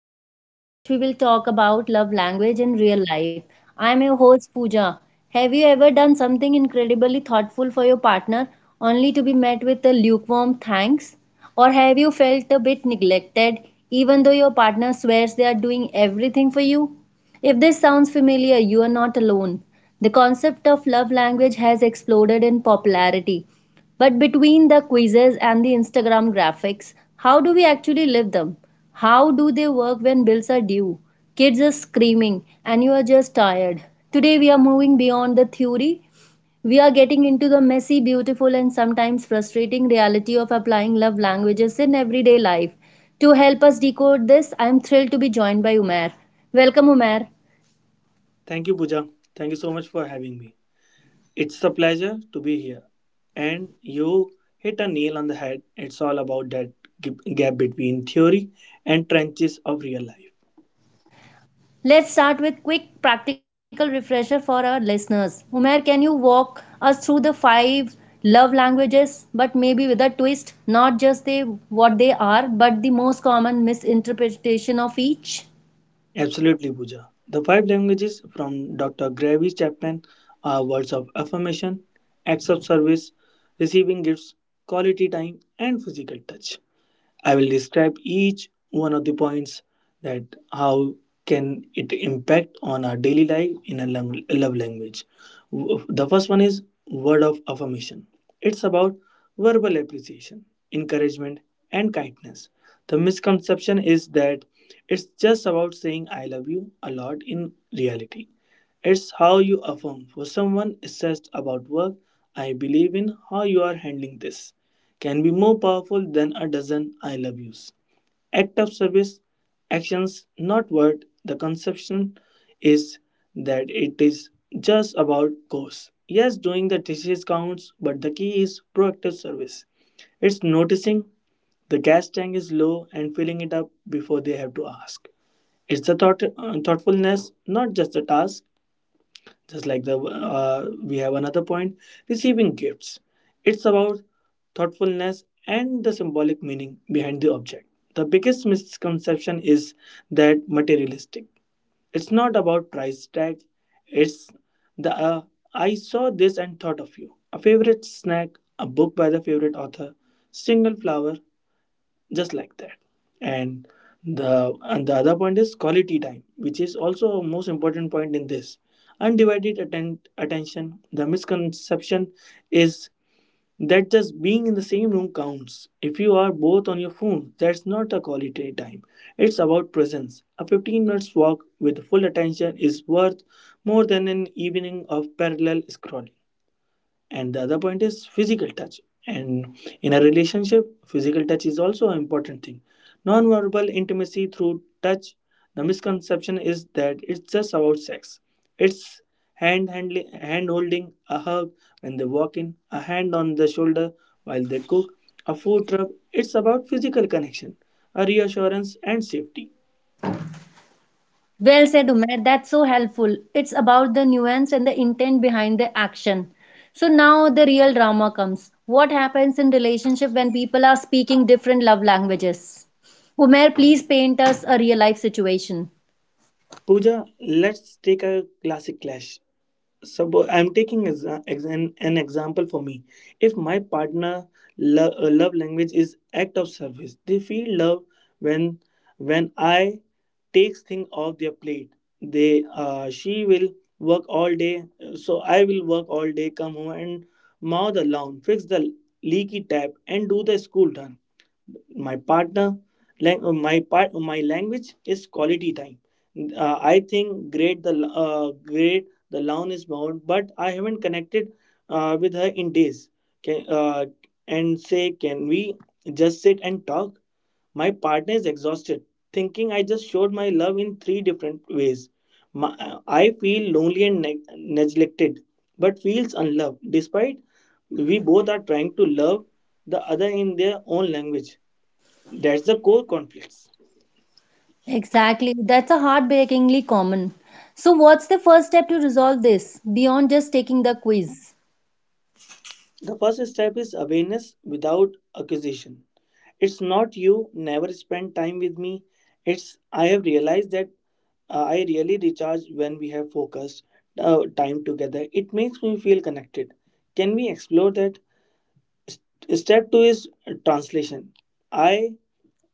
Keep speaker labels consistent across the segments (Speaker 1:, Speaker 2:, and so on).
Speaker 1: podcast in which we will talk about love language in real life. I am your host Pooja. Have you ever done something incredibly thoughtful for your partner only to be met with a lukewarm thanks? Or have you felt a bit neglected even though your partner swears they are doing everything for you? If this sounds familiar, you are not alone. The concept of love language has exploded in popularity but between the quizzes and the Instagram graphics, how do we actually live them? How do they work when bills are due? Kids are screaming and you are just tired. Today we are moving beyond the theory. We are getting into the messy, beautiful, and sometimes frustrating reality of applying love languages in everyday life. To help us decode this, I am thrilled to be joined by Umair. Welcome, Umair.
Speaker 2: Thank you, Pooja. Thank you so much for having me. It's a pleasure to be here. And you hit a nail on the head. It's all about that gap between theory and trenches of real life.
Speaker 1: Let's start with quick practical refresher for our listeners. Umair, can you walk us through the five love languages, but maybe with a twist, not just they what they are, but the most common misinterpretation of each?
Speaker 2: Absolutely, Pooja. The five languages from Dr. Gravy Chapman are words of affirmation, acts of service, receiving gifts, quality time, and physical touch. I will describe each one of the points that how can it impact on our daily life in a love language. The first one is word of affirmation. It's about verbal appreciation, encouragement, and kindness. The misconception is that it's just about saying I love you a lot in reality. It's how you affirm. For someone stressed about work, I believe in how you are handling this can be more powerful than a dozen I love yous. Act of service, actions, not word. The conception is that it is just about cause. Yes, doing the dishes counts, but the key is proactive service. It's noticing the gas tank is low and filling it up before they have to ask. It's the thoughtfulness, not just the task, just like the we have another point, receiving gifts. It's about thoughtfulness and the symbolic meaning behind the object. The biggest misconception is that materialistic, it's not about price tag. It's the I saw this and thought of you, a favorite snack, a book by the favorite author, single flower, just like that. And the and the other point is quality time, which is also a most important point in this. Undivided attention, the misconception is that just being in the same room counts. If you are both on your phone, that's not a quality time. It's about presence. A 15 minutes walk with full attention is worth more than an evening of parallel scrolling. And the other point is physical touch, and in a relationship physical touch is also an important thing. Non-verbal intimacy through touch. The misconception is that it's just about sex. It's handling, hand holding, a hug when they walk in, a hand on the shoulder while they cook, a food rub. It's about physical connection, a reassurance and safety.
Speaker 1: Well said, Umair. That's so helpful. It's about the nuance and the intent behind the action. So now the real drama comes. What happens in relationship when people are speaking different love languages? Umair, please paint us a real life situation.
Speaker 2: Puja let's take a classic clash. Suppose I'm taking an example for me. If my partner love language is act of service, they feel love when I takes thing off their plate. They she will work all day, so I will work all day, come home and mow the lawn, fix the leaky tap, and do the school done. My partner my language is quality time. I think great the great the loan is bound, but I haven't connected with her in days. Can, uh, and say, can we just sit and talk? My partner is exhausted, thinking I just showed my love in three different ways. I feel lonely and neglected, but feels unloved. Despite we both are trying to love the other in their own language, that's the core conflicts.
Speaker 1: Exactly. That's a heartbreakingly common. So, what's the first step to resolve this beyond just taking the quiz?
Speaker 2: The first step is awareness without accusation. It's not you never spend time with me. It's I have realized that I really recharge when we have focused time together. It makes me feel connected. Can we explore that? Step two is translation. I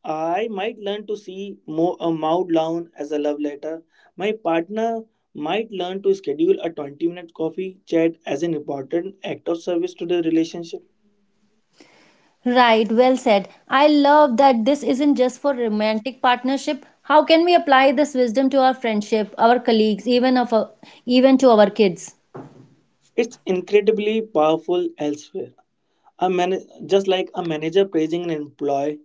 Speaker 2: I might learn to see a mouth down as a love letter. My partner might learn to schedule a 20-minute coffee chat as an important act of service to the relationship.
Speaker 1: Right, well said. I love that this isn't just for romantic partnership. How can we apply this wisdom to our friendship, our colleagues, even to our kids?
Speaker 2: It's incredibly powerful elsewhere. A man- just like a manager praising an employee,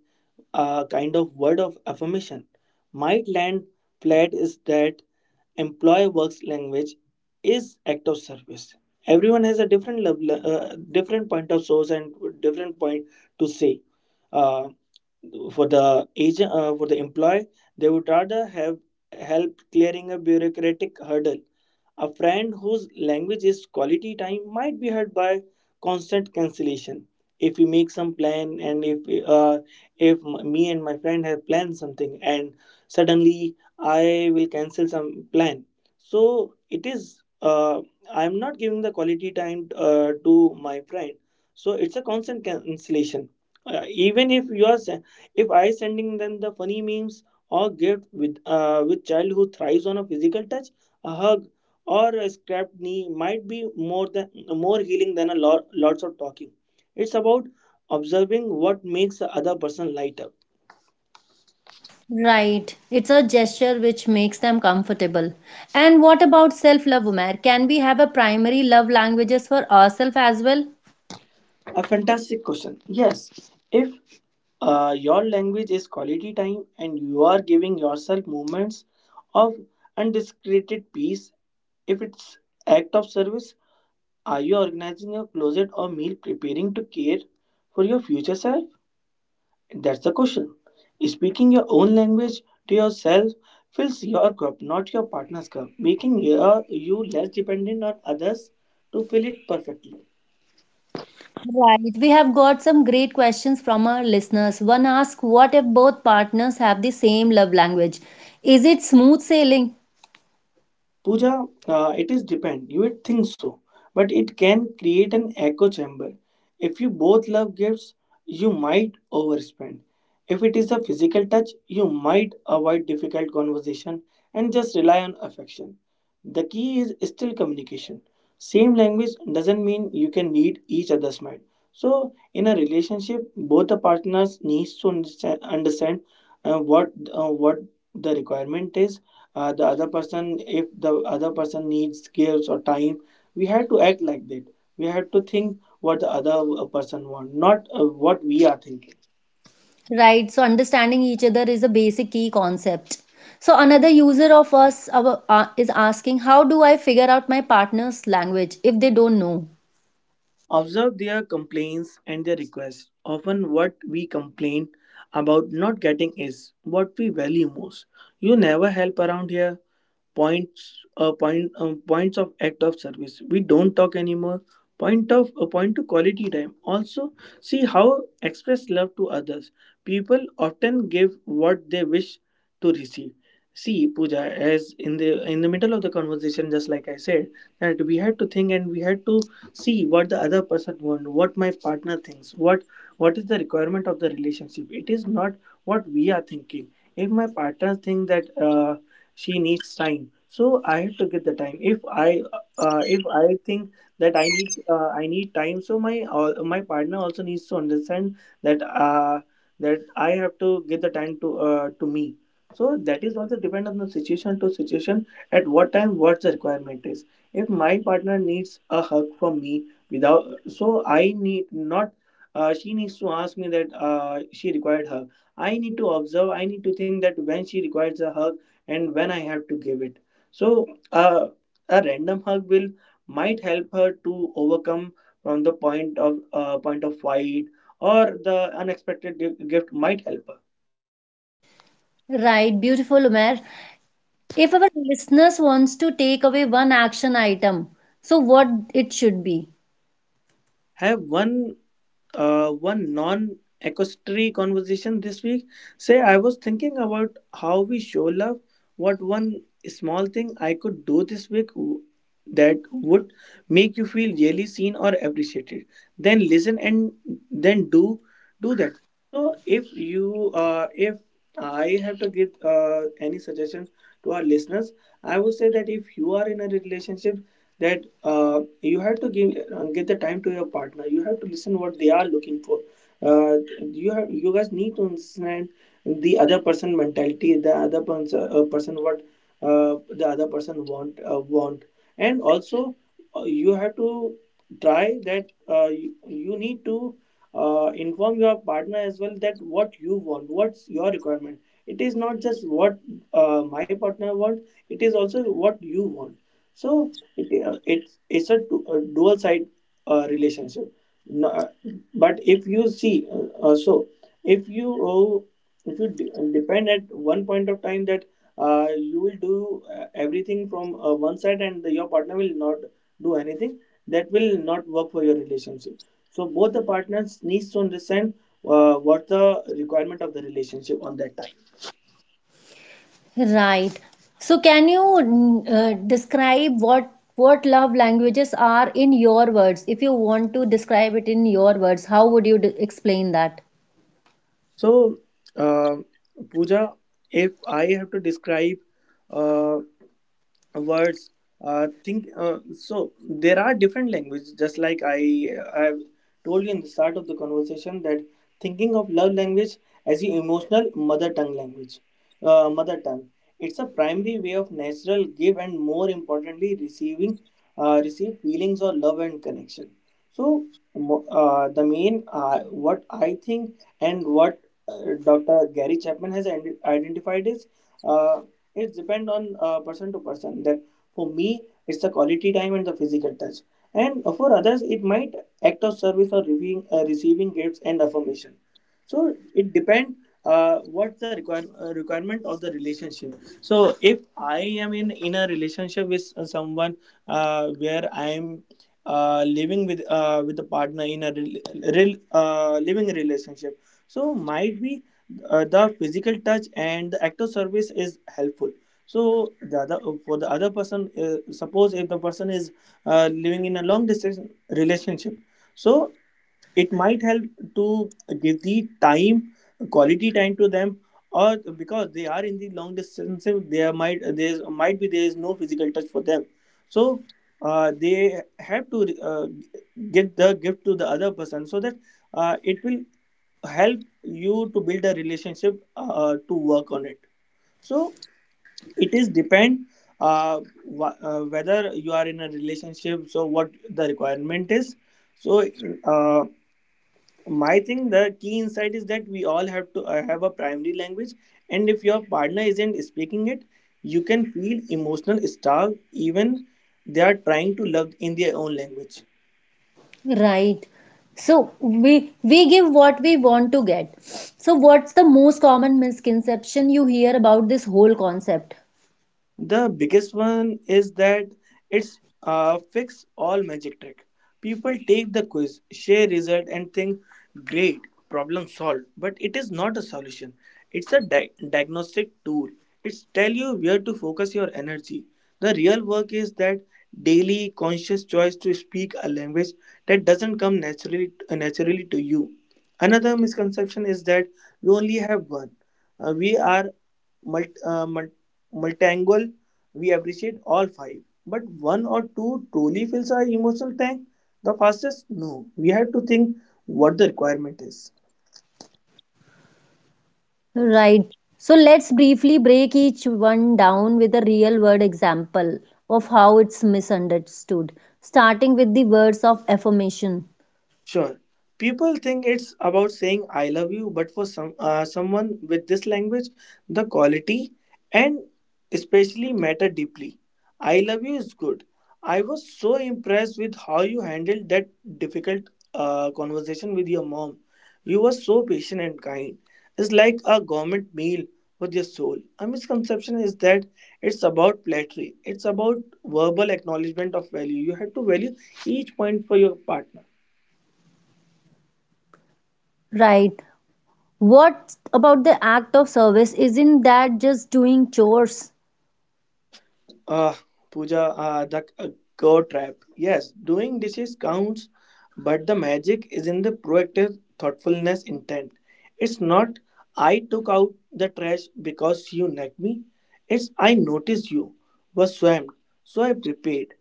Speaker 2: a kind of word of affirmation might land flat is that employee works language is act of service. Everyone has a different different point of source and different point to say. Uh, for the employee, they would rather have help clearing a bureaucratic hurdle. A friend whose language is quality time might be hurt by constant cancellation. If we make some plan, and if m- me and my friend have planned something and suddenly I will cancel some plan, so it is, uh, I'm not giving the quality time to my friend. So it's a constant cancellation, even if you are, if I sending them the funny memes or gift. With with child who thrives on a physical touch, a hug, or a scrapped knee might be more than more healing than a lot lots of talking. It's about observing what makes the other person light up.
Speaker 1: Right. It's a gesture which makes them comfortable. And what about self-love, Umair? Can we have a primary love languages for ourselves as well?
Speaker 2: A fantastic question. Yes, if your language is quality time and you are giving yourself moments of undiscreted peace, if it's act of service, are you organizing your closet or meal preparing to care for your future self? That's the question. Speaking your own language to yourself fills your cup, not your partner's cup, making your, you less dependent on others to fill it perfectly.
Speaker 1: Right. We have got some great questions from our listeners. One asks, what if both partners have the same love language? Is it smooth sailing?
Speaker 2: Pooja, it is depend. You would think so, but it can create an echo chamber. If you both love gifts, you might overspend. If it is a physical touch, you might avoid difficult conversation and just rely on affection. The key is still communication. Same language doesn't mean you can need each other's mind. So, in a relationship, both the partners needs to understand what the requirement is. The other person, if the other person needs gives or time, we have to act like that. We have to think what the other person want, not what we are thinking.
Speaker 1: Right. So, understanding each other is a basic key concept. So, another user of us our, is asking, how do I figure out my partner's language if they don't know?
Speaker 2: Observe their complaints and their requests. Often, what we complain about not getting is what we value most. You never help around here. Points of act of service. We don't talk anymore. Point of a point to quality time. Also, see how express love to others. People often give what they wish to receive. See, Pooja, as in the middle of the conversation, just like I said, that we had to think and we had to see what the other person wants, what my partner thinks, what is the requirement of the relationship. It is not what we are thinking. If my partner thinks that she needs time, so I have to get the time. I if I think that I need time, so my partner also needs to understand that that I have to get the time to me. So that is also depend on the situation to situation, at what time what the requirement is. If my partner needs a hug from me, without, so I need not, she needs to ask me that she required hug. I need to observe, I need to think that when she requires a hug and when I have to give it. So uh, a random hug will might help her to overcome from the point of fight, or the unexpected gift might help her.
Speaker 1: Right. Beautiful, Umair. If our listeners wants to take away one action item, so what it should be?
Speaker 2: Have one one non accusatory conversation this week. Say, I was thinking about how we show love. What one small thing I could do this that would make you feel really seen or appreciated? Then listen and then do that. So, if you if I have to give any suggestion to our listeners, I would say that if you are in a relationship, that you have to give give the time to your partner. You have to listen what they are looking for. uh, you have, you guys need to understand the other person mentality, the other person what the other person want. And also, you have to try that you need to inform your partner as well that what you want, what's your requirement. It is not just what my partner wants, it is also what you want. So yeah, a dual side relationship. No, uh, but if you see, so if you oh, if you de- depend at one point of time that you will do everything from one side and your partner will not do anything, that will not work for your relationship. So both the partners needs to understand what the requirement of the relationship on that time.
Speaker 1: Right. So can you describe what love languages are in your words? If you want to describe it in your words, how would you explain that?
Speaker 2: So uh, Pooja, if I have to describe uh, words think so there are different languages, just like I have told you in the start of the conversation, that thinking of love language as the emotional mother tongue language, mother tongue. It's a primary way of natural give and, more importantly, receiving, receive feelings of love and connection. So the main, what I think and what Dr. Gary Chapman has identified is. Uh, it depends on person to person, that for me it's the quality time and the physical touch. And for others it might act of service or receiving gifts and affirmation. So it depends what's the requirement of the relationship. So if I am in a relationship with someone, where I am living with a partner in a living relationship. So might be the physical touch and the act of service is helpful. So the other for the other person, suppose if the person is living in a long distance relationship, so it might help to give the time, quality time to them, or because they are in the long distance, there is no physical touch for them. So they have to give the gift to the other person, so that it will help you to build a relationship, to work on it. So it is depend, uh, whether you are in a relationship, so what the requirement is. So uh, my thing, the key insight is that we all have to have a primary language, and if your partner isn't speaking it, you can feel emotional starved even they are trying to love in their own language.
Speaker 1: Right. So we give what we want to get. So what's the most common misconception you hear about this whole concept?
Speaker 2: The biggest one is that it's a fix all magic trick. People take the quiz, share result and think great, problem solved, but it is not a solution. It's a diagnostic tool. It's tell you where to focus your energy. The real work is that daily conscious choice to speak a language that doesn't come naturally to you. Another misconception is that we only have one. We are multi, multangle, we appreciate all five. But one or two truly fills our emotional tank. The fastest? No. We had to think what the requirement is.
Speaker 1: Right. So let's briefly break each one down with a real world example of how it's misunderstood, starting with the words of affirmation.
Speaker 2: Sure. People think it's about saying I love you, but for some someone with this language, the quality and especially matter deeply. I love you is good. I was so impressed with how you handled that difficult conversation with your mom. You were so patient and kind. It's like a government meal with your soul. A misconception is that it's about flattery. It's about verbal acknowledgement of value. You have to value each point for your partner.
Speaker 1: Right. What about the act of service? Isn't that just doing chores?
Speaker 2: Uh, Pooja, the go trap. Yes, doing dishes counts, but the magic is in the proactive thoughtfulness intent. It's not I took out the trash because you nagged me. It's I noticed you were swamped, so I prepared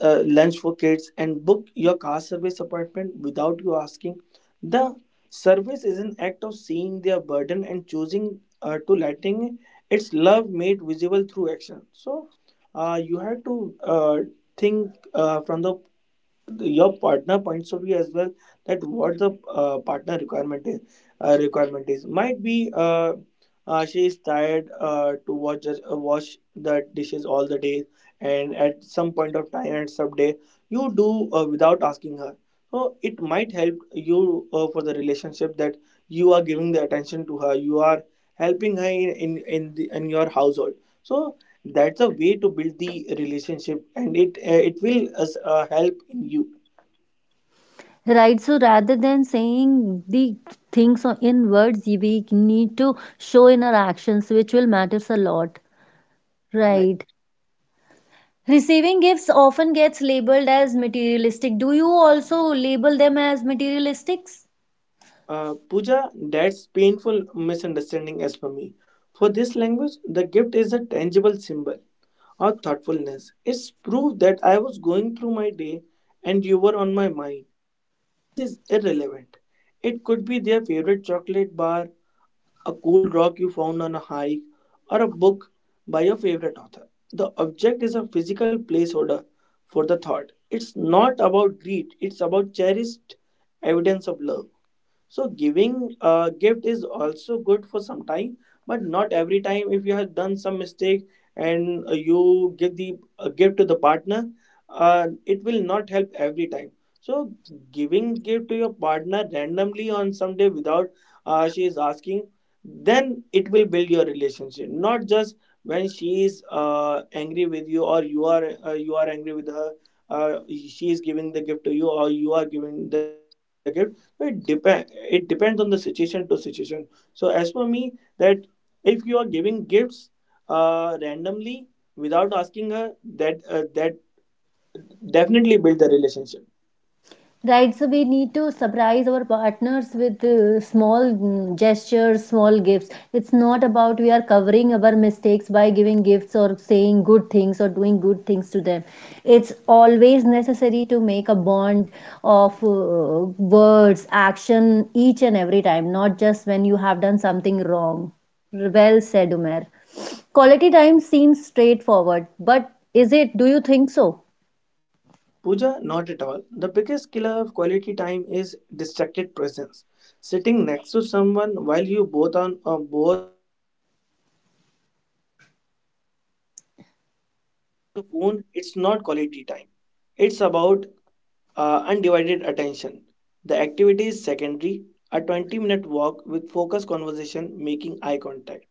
Speaker 2: lunch for kids and book your car service appointment without you asking. The service is an act of seeing their burden and choosing to letting, its love made visible through action. So you have to think from your partner points of view as well, that what the partner requirement is, might be she is tired to wash the dishes all the day, and at some point of time at some day you do without asking her. So it might help you for the relationship, that you are giving the attention to her, you are helping her in your household. So that's a way to build the relationship, and it will us help in you.
Speaker 1: Right. So rather than saying the things in words, we need to show in our actions, which will matters a lot.
Speaker 2: Right.
Speaker 1: Right. Receiving gifts often gets labeled as materialistic. Do you also label them as materialistic?
Speaker 2: Pooja, that's painful misunderstanding as for me. For this language, the gift is a tangible symbol of thoughtfulness. It's proof that I was going through my day and you were on my mind. The price is irrelevant. It could be their favorite chocolate bar, a cool rock you found on a hike, or a book by your favorite author. The object is a physical placeholder for the thought. It's not about greed, it's about cherished evidence of love. So giving a gift is also good for some time, but not every time. If you have done some mistake and you give the gift to the partner, it will not help every time. So giving gift to your partner randomly on some day without she is asking, then it will build your relationship. Not just when she is angry with you, or you are angry with her. She is giving the gift to you, or you are giving the gift. it depend it depends on the situation to situation. So as for me, that if you are giving gifts randomly without asking her, that definitely build the relationship.
Speaker 1: Right, so we need to surprise our partners with small gestures, small gifts. It's not about we are covering our mistakes by giving gifts or saying good things or doing good things to them. It's always necessary to make a bond of words, action each and every time, not just when you have done something wrong. Well said, Umer. Quality time seems straightforward, but is it? Do you think so?
Speaker 2: Puja, not at all. The biggest killer of quality time is distracted presence, sitting next to someone while you both on bored Moon. It's not quality time. It's about undivided attention. The activity is secondary, a 20-minute walk with focused conversation, making eye contact.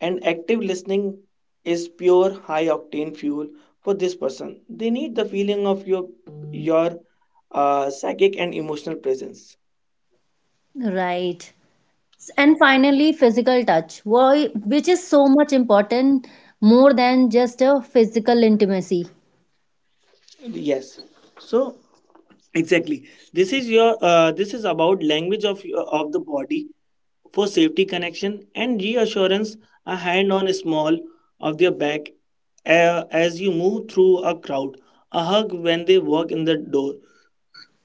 Speaker 2: And active listening is pure high octane fuel for this person. They need the feeling of your psychic and emotional presence.
Speaker 1: Right. And finally, physical touch, which is so much important more than just a physical intimacy.
Speaker 2: Yes. So exactly, this is about language of the body for safety, connection and reassurance. A hand on a small of their back, as you move through a crowd. A hug when they walk in the door,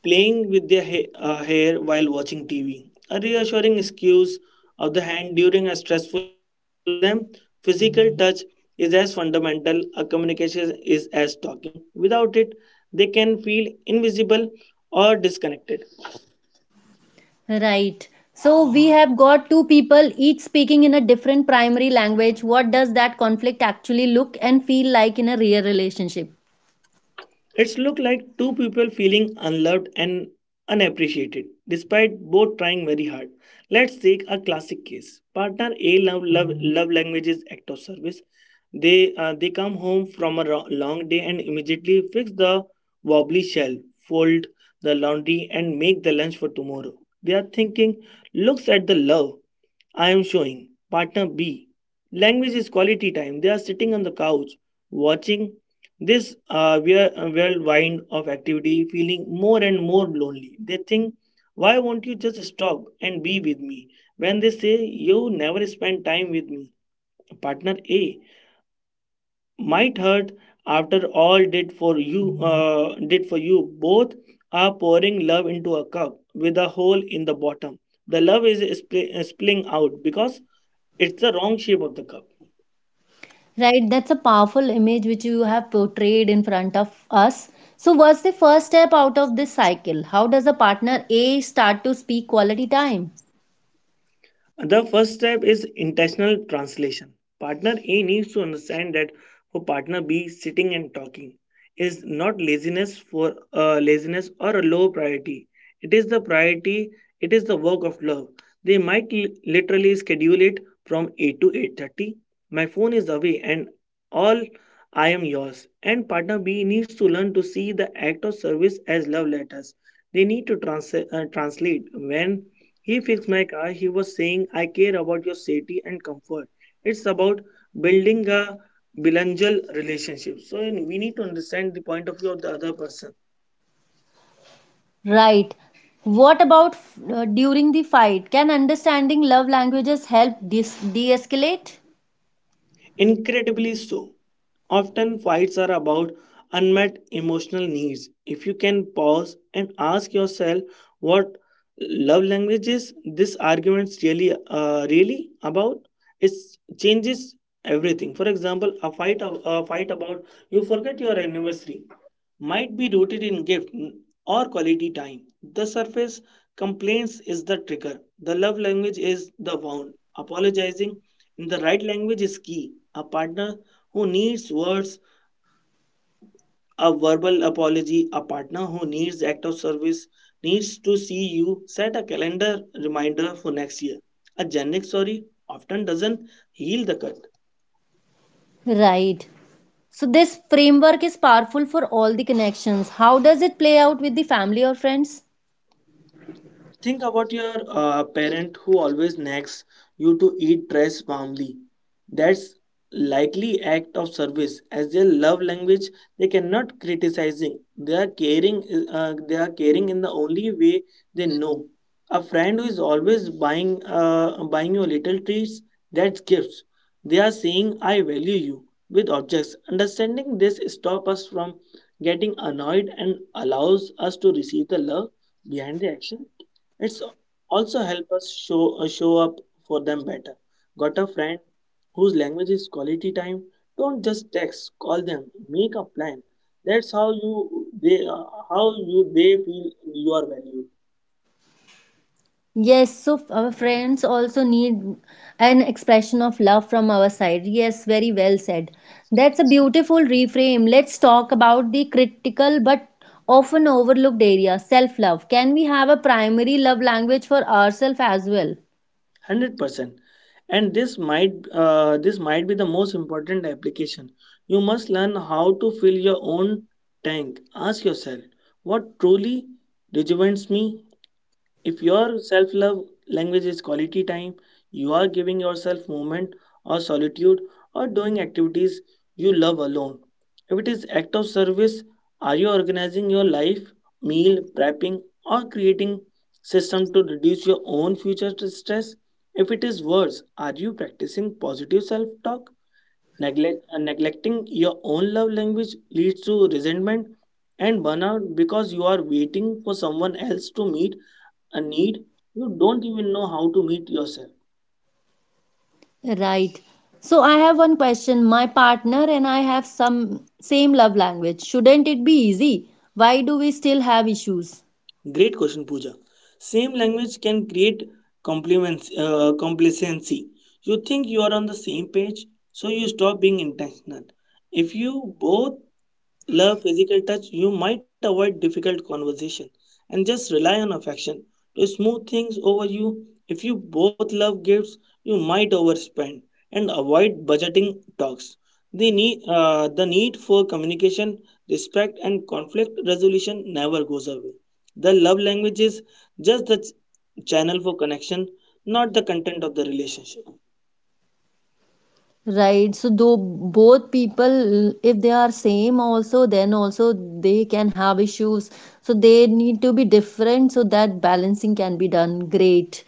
Speaker 2: playing with their hair while watching TV. A reassuring excuse of the hand during a stressful moment for them. Physical touch is as fundamental a communication is as talking. Without it, they can feel invisible or disconnected.
Speaker 1: Right. So we have got two people each speaking in a different primary language. What does that conflict actually look and feel like in a real relationship?
Speaker 2: It's looked like two people feeling unloved and unappreciated, despite both trying very hard. Let's take a classic case. Partner A love language is act of service. They come home from a long day and immediately fix the wobbly shell, fold the laundry, and make the lunch for tomorrow. They are thinking, looks at the love I am showing. Partner B. Language is quality time. They are sitting on the couch watching this whirlwind of activity, feeling more and more lonely. They think, why won't you just stop and be with me? When they say, you never spend time with me, partner A might hurt after all did for you. Both are pouring love into a cup with a hole in the bottom. The love is spilling out because it's the wrong shape of the cup.
Speaker 1: Right, that's a powerful image which you have portrayed in front of us. So, what's the first step out of this cycle? How does a partner A start to speak quality time?
Speaker 2: The first step is intentional translation. Partner A needs to understand that for partner B, sitting and talking is not laziness or a low priority. It is the priority. It is the work of love. They might literally schedule it from 8 to 8:30. My phone is away and all I am yours. And partner B needs to learn to see the act of service as love letters. They need to translate when he fixed my car. He was saying, I care about your safety and comfort. It's about building a bilingual relationship. So and we need to understand the point of view of the other person.
Speaker 1: Right. What about during the fight? Can understanding love languages help de escalate?
Speaker 2: Incredibly so. Often fights are about unmet emotional needs. If you can pause and ask yourself what love language is, this argument's really about, it changes everything. For example, a fight about you forget your anniversary might be rooted in gift or quality time. The surface complaints is the trigger. The love language is the wound. Apologizing in the right language is key. A partner who needs words, a verbal apology, a partner who needs act of service needs to see you set a calendar reminder for next year. A generic sorry often doesn't heal the cut.
Speaker 1: Right. So, this framework is powerful for all the connections. How does it play out with the family or friends?
Speaker 2: Think about your parent who always nags you to eat dress warmly. That's likely act of service as their love language. They cannot criticizing, they are caring in the only way they know. A friend who is always buying you little treats, that's gifts. They are saying, I value you with objects. Understanding this stop us from getting annoyed and allows us to receive the love behind the action. It's also help us show up for them better. Got a friend whose language is quality time? Don't just text. Call them. Make a plan. That's how you they feel you are valued.
Speaker 1: Yes, so our friends also need an expression of love from our side. Yes, very well said. That's a beautiful reframe. Let's talk about the critical but often overlooked area self love. Can we have a primary love language for ourselves as well?
Speaker 2: 100%. And this might be the most important application. You must learn how to fill your own tank. Ask yourself, what truly rejuvenates me? If your self love language is quality time, you are giving yourself moment or solitude or doing activities you love alone. If it is act of service, are you organizing your life, meal prepping or creating system to reduce your own future stress? If it is words, are you practicing positive self talk? Neglecting your own love language leads to resentment and burnout because you are waiting for someone else to meet a need you don't even know how to meet yourself.
Speaker 1: Right. So I have one question. My partner and I have some same love language. Shouldn't it be easy? Why do we still have issues?
Speaker 2: Great question, Pooja. Same language can create complacency. You think you are on the same page, so you stop being intentional. If you both love physical touch, you might avoid difficult conversation and just rely on affection to smooth things over you. If you both love gifts, you might overspend and avoid budgeting talks. The need for communication, respect, and conflict resolution never goes away. The love language is just the channel for connection, not the content of the relationship.
Speaker 1: Right. So though both people, if they are same also, then also they can have issues. So they need to be different so that balancing can be done. Great.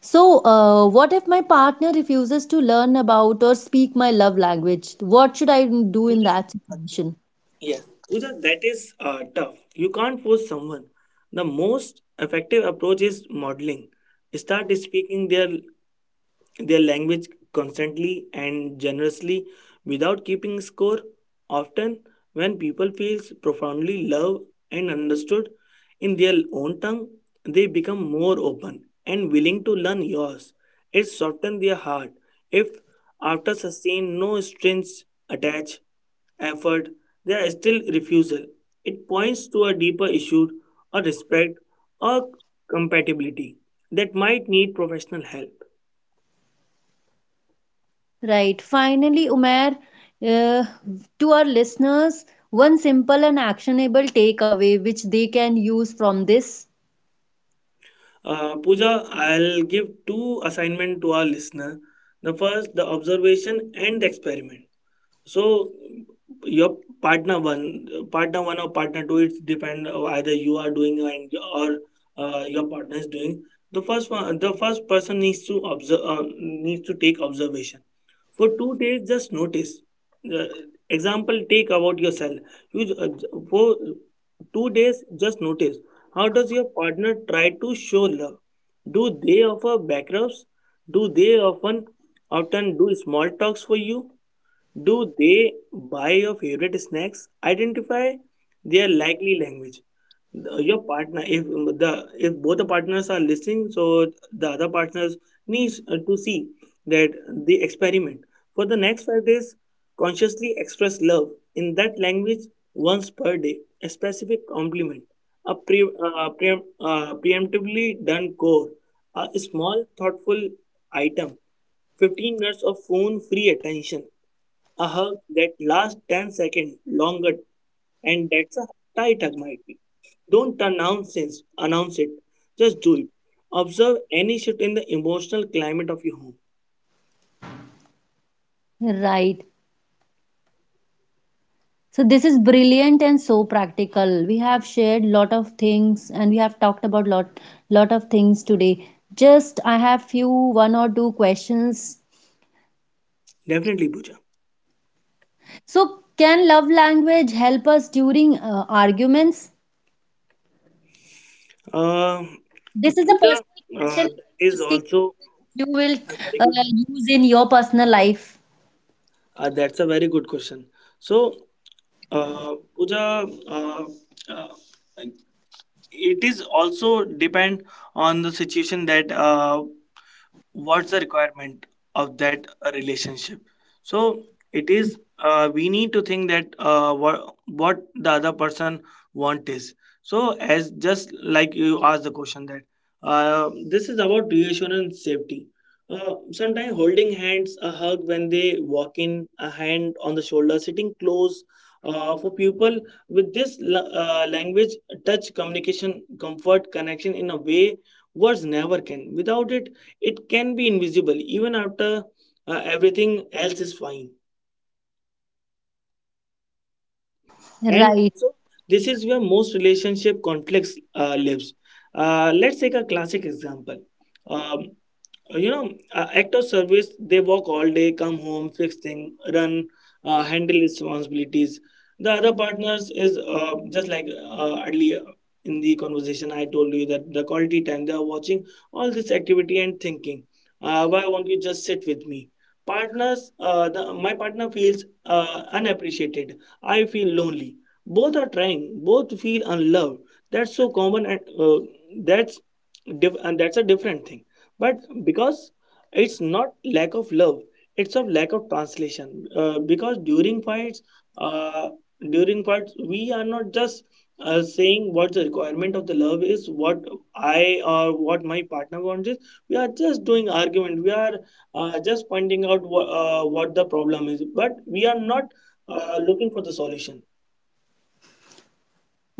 Speaker 1: So what if my partner refuses to learn about or speak my love language? What should I do in
Speaker 2: Pooja,
Speaker 1: that
Speaker 2: uh,
Speaker 1: situation?
Speaker 2: Yes, Pooja, that is tough. You can't force someone. The most effective approach is modeling. Start speaking their language constantly and generously without keeping score. Often, when people feel profoundly loved and understood in their own tongue, they become more open and willing to learn yours. It softens their heart if, after sustained no strings attached effort, there is still refusal. It points to a deeper issue, a respect, or compatibility that might need professional help.
Speaker 1: Right. Finally, Umair, uh, to our listeners, one simple and actionable takeaway which they can use from this.
Speaker 2: Pooja, I'll give two assignment to our listener. The first, the observation and the experiment. So your partner one or partner two, it depend either you are doing and or your partner is doing. The first person needs to take observation for two days. Just notice. Uh, Example, take about yourself. You for two days just notice how does your partner try to show love. Do they offer back rubs? Do they often do small talks for you? Do they buy your favorite snacks? Identify their likely language. Your partner, if the, if both the partners are listening, so the other partners needs to see that. The experiment, for the next five days consciously express love in that language once per day: a specific compliment, a preemptively done core, a small thoughtful item, 15 minutes of phone free attention, a hug that lasts 10 seconds longer, and that's a tight hug might be. Don't announce it. Just do it. Observe any shift in the emotional climate of your home.
Speaker 1: Right. So this is brilliant and so practical. We have shared lot of things and we have talked about lot of things today. Just I have few one or two questions.
Speaker 2: Definitely, Pooja.
Speaker 1: So can love language help us during arguments?
Speaker 2: Uh,
Speaker 1: This is a
Speaker 2: Pooja,
Speaker 1: personal question
Speaker 2: that
Speaker 1: I'm
Speaker 2: is
Speaker 1: asking
Speaker 2: also
Speaker 1: you which you will
Speaker 2: a very good.
Speaker 1: use in your personal life.
Speaker 2: That's a very good question. So, uh, Pooja, uh, uh, it is also depend on the situation, that what's the requirement of that relationship. So it is, we need to think that uh, what the other person want is. So, as just like you asked the question, that this is about reassurance, safety. Uh, sometimes holding hands, a hug when they walk in, a hand on the shoulder, sitting close, for people with this language, touch communication, comfort, connection in a way words never can. Without it, it can be invisible even after everything else is fine. And
Speaker 1: Right,
Speaker 2: also, this is where most relationship conflicts lives. Let's take a classic example. um, you know, act of service: they work all day, come home, fix thing, run, handle responsibilities. The other partners is, just like earlier in the conversation I told you, that the quality time, they are watching all this activity and thinking, why won't you just sit with me? My partner feels unappreciated, I feel lonely. Both are trying, both feel unloved. That's so common, and that's that's a different thing. But because it's not lack of love, it's of lack of translation. Because during fights, uh, during fights we are not just saying what the requirement of the love is, what I or what my partner wants is. We are just doing argument. We are just pointing out what the problem is, but we are not looking for the solution.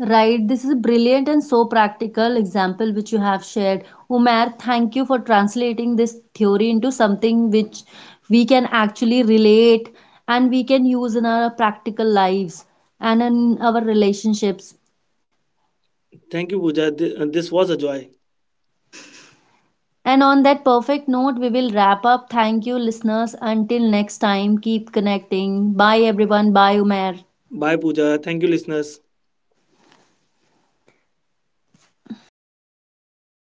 Speaker 1: right. This is a brilliant and so practical example which you have shared. Umair, thank you for translating this theory into something which we can actually relate and we can use in our practical lives and in our relationships.
Speaker 2: Thank you, Pooja. This was a joy.
Speaker 1: And on that perfect note, we will wrap up. Thank you, listeners. Until next time, keep connecting. Bye, everyone. Bye, Umair.
Speaker 2: Bye, Pooja. Thank you, listeners.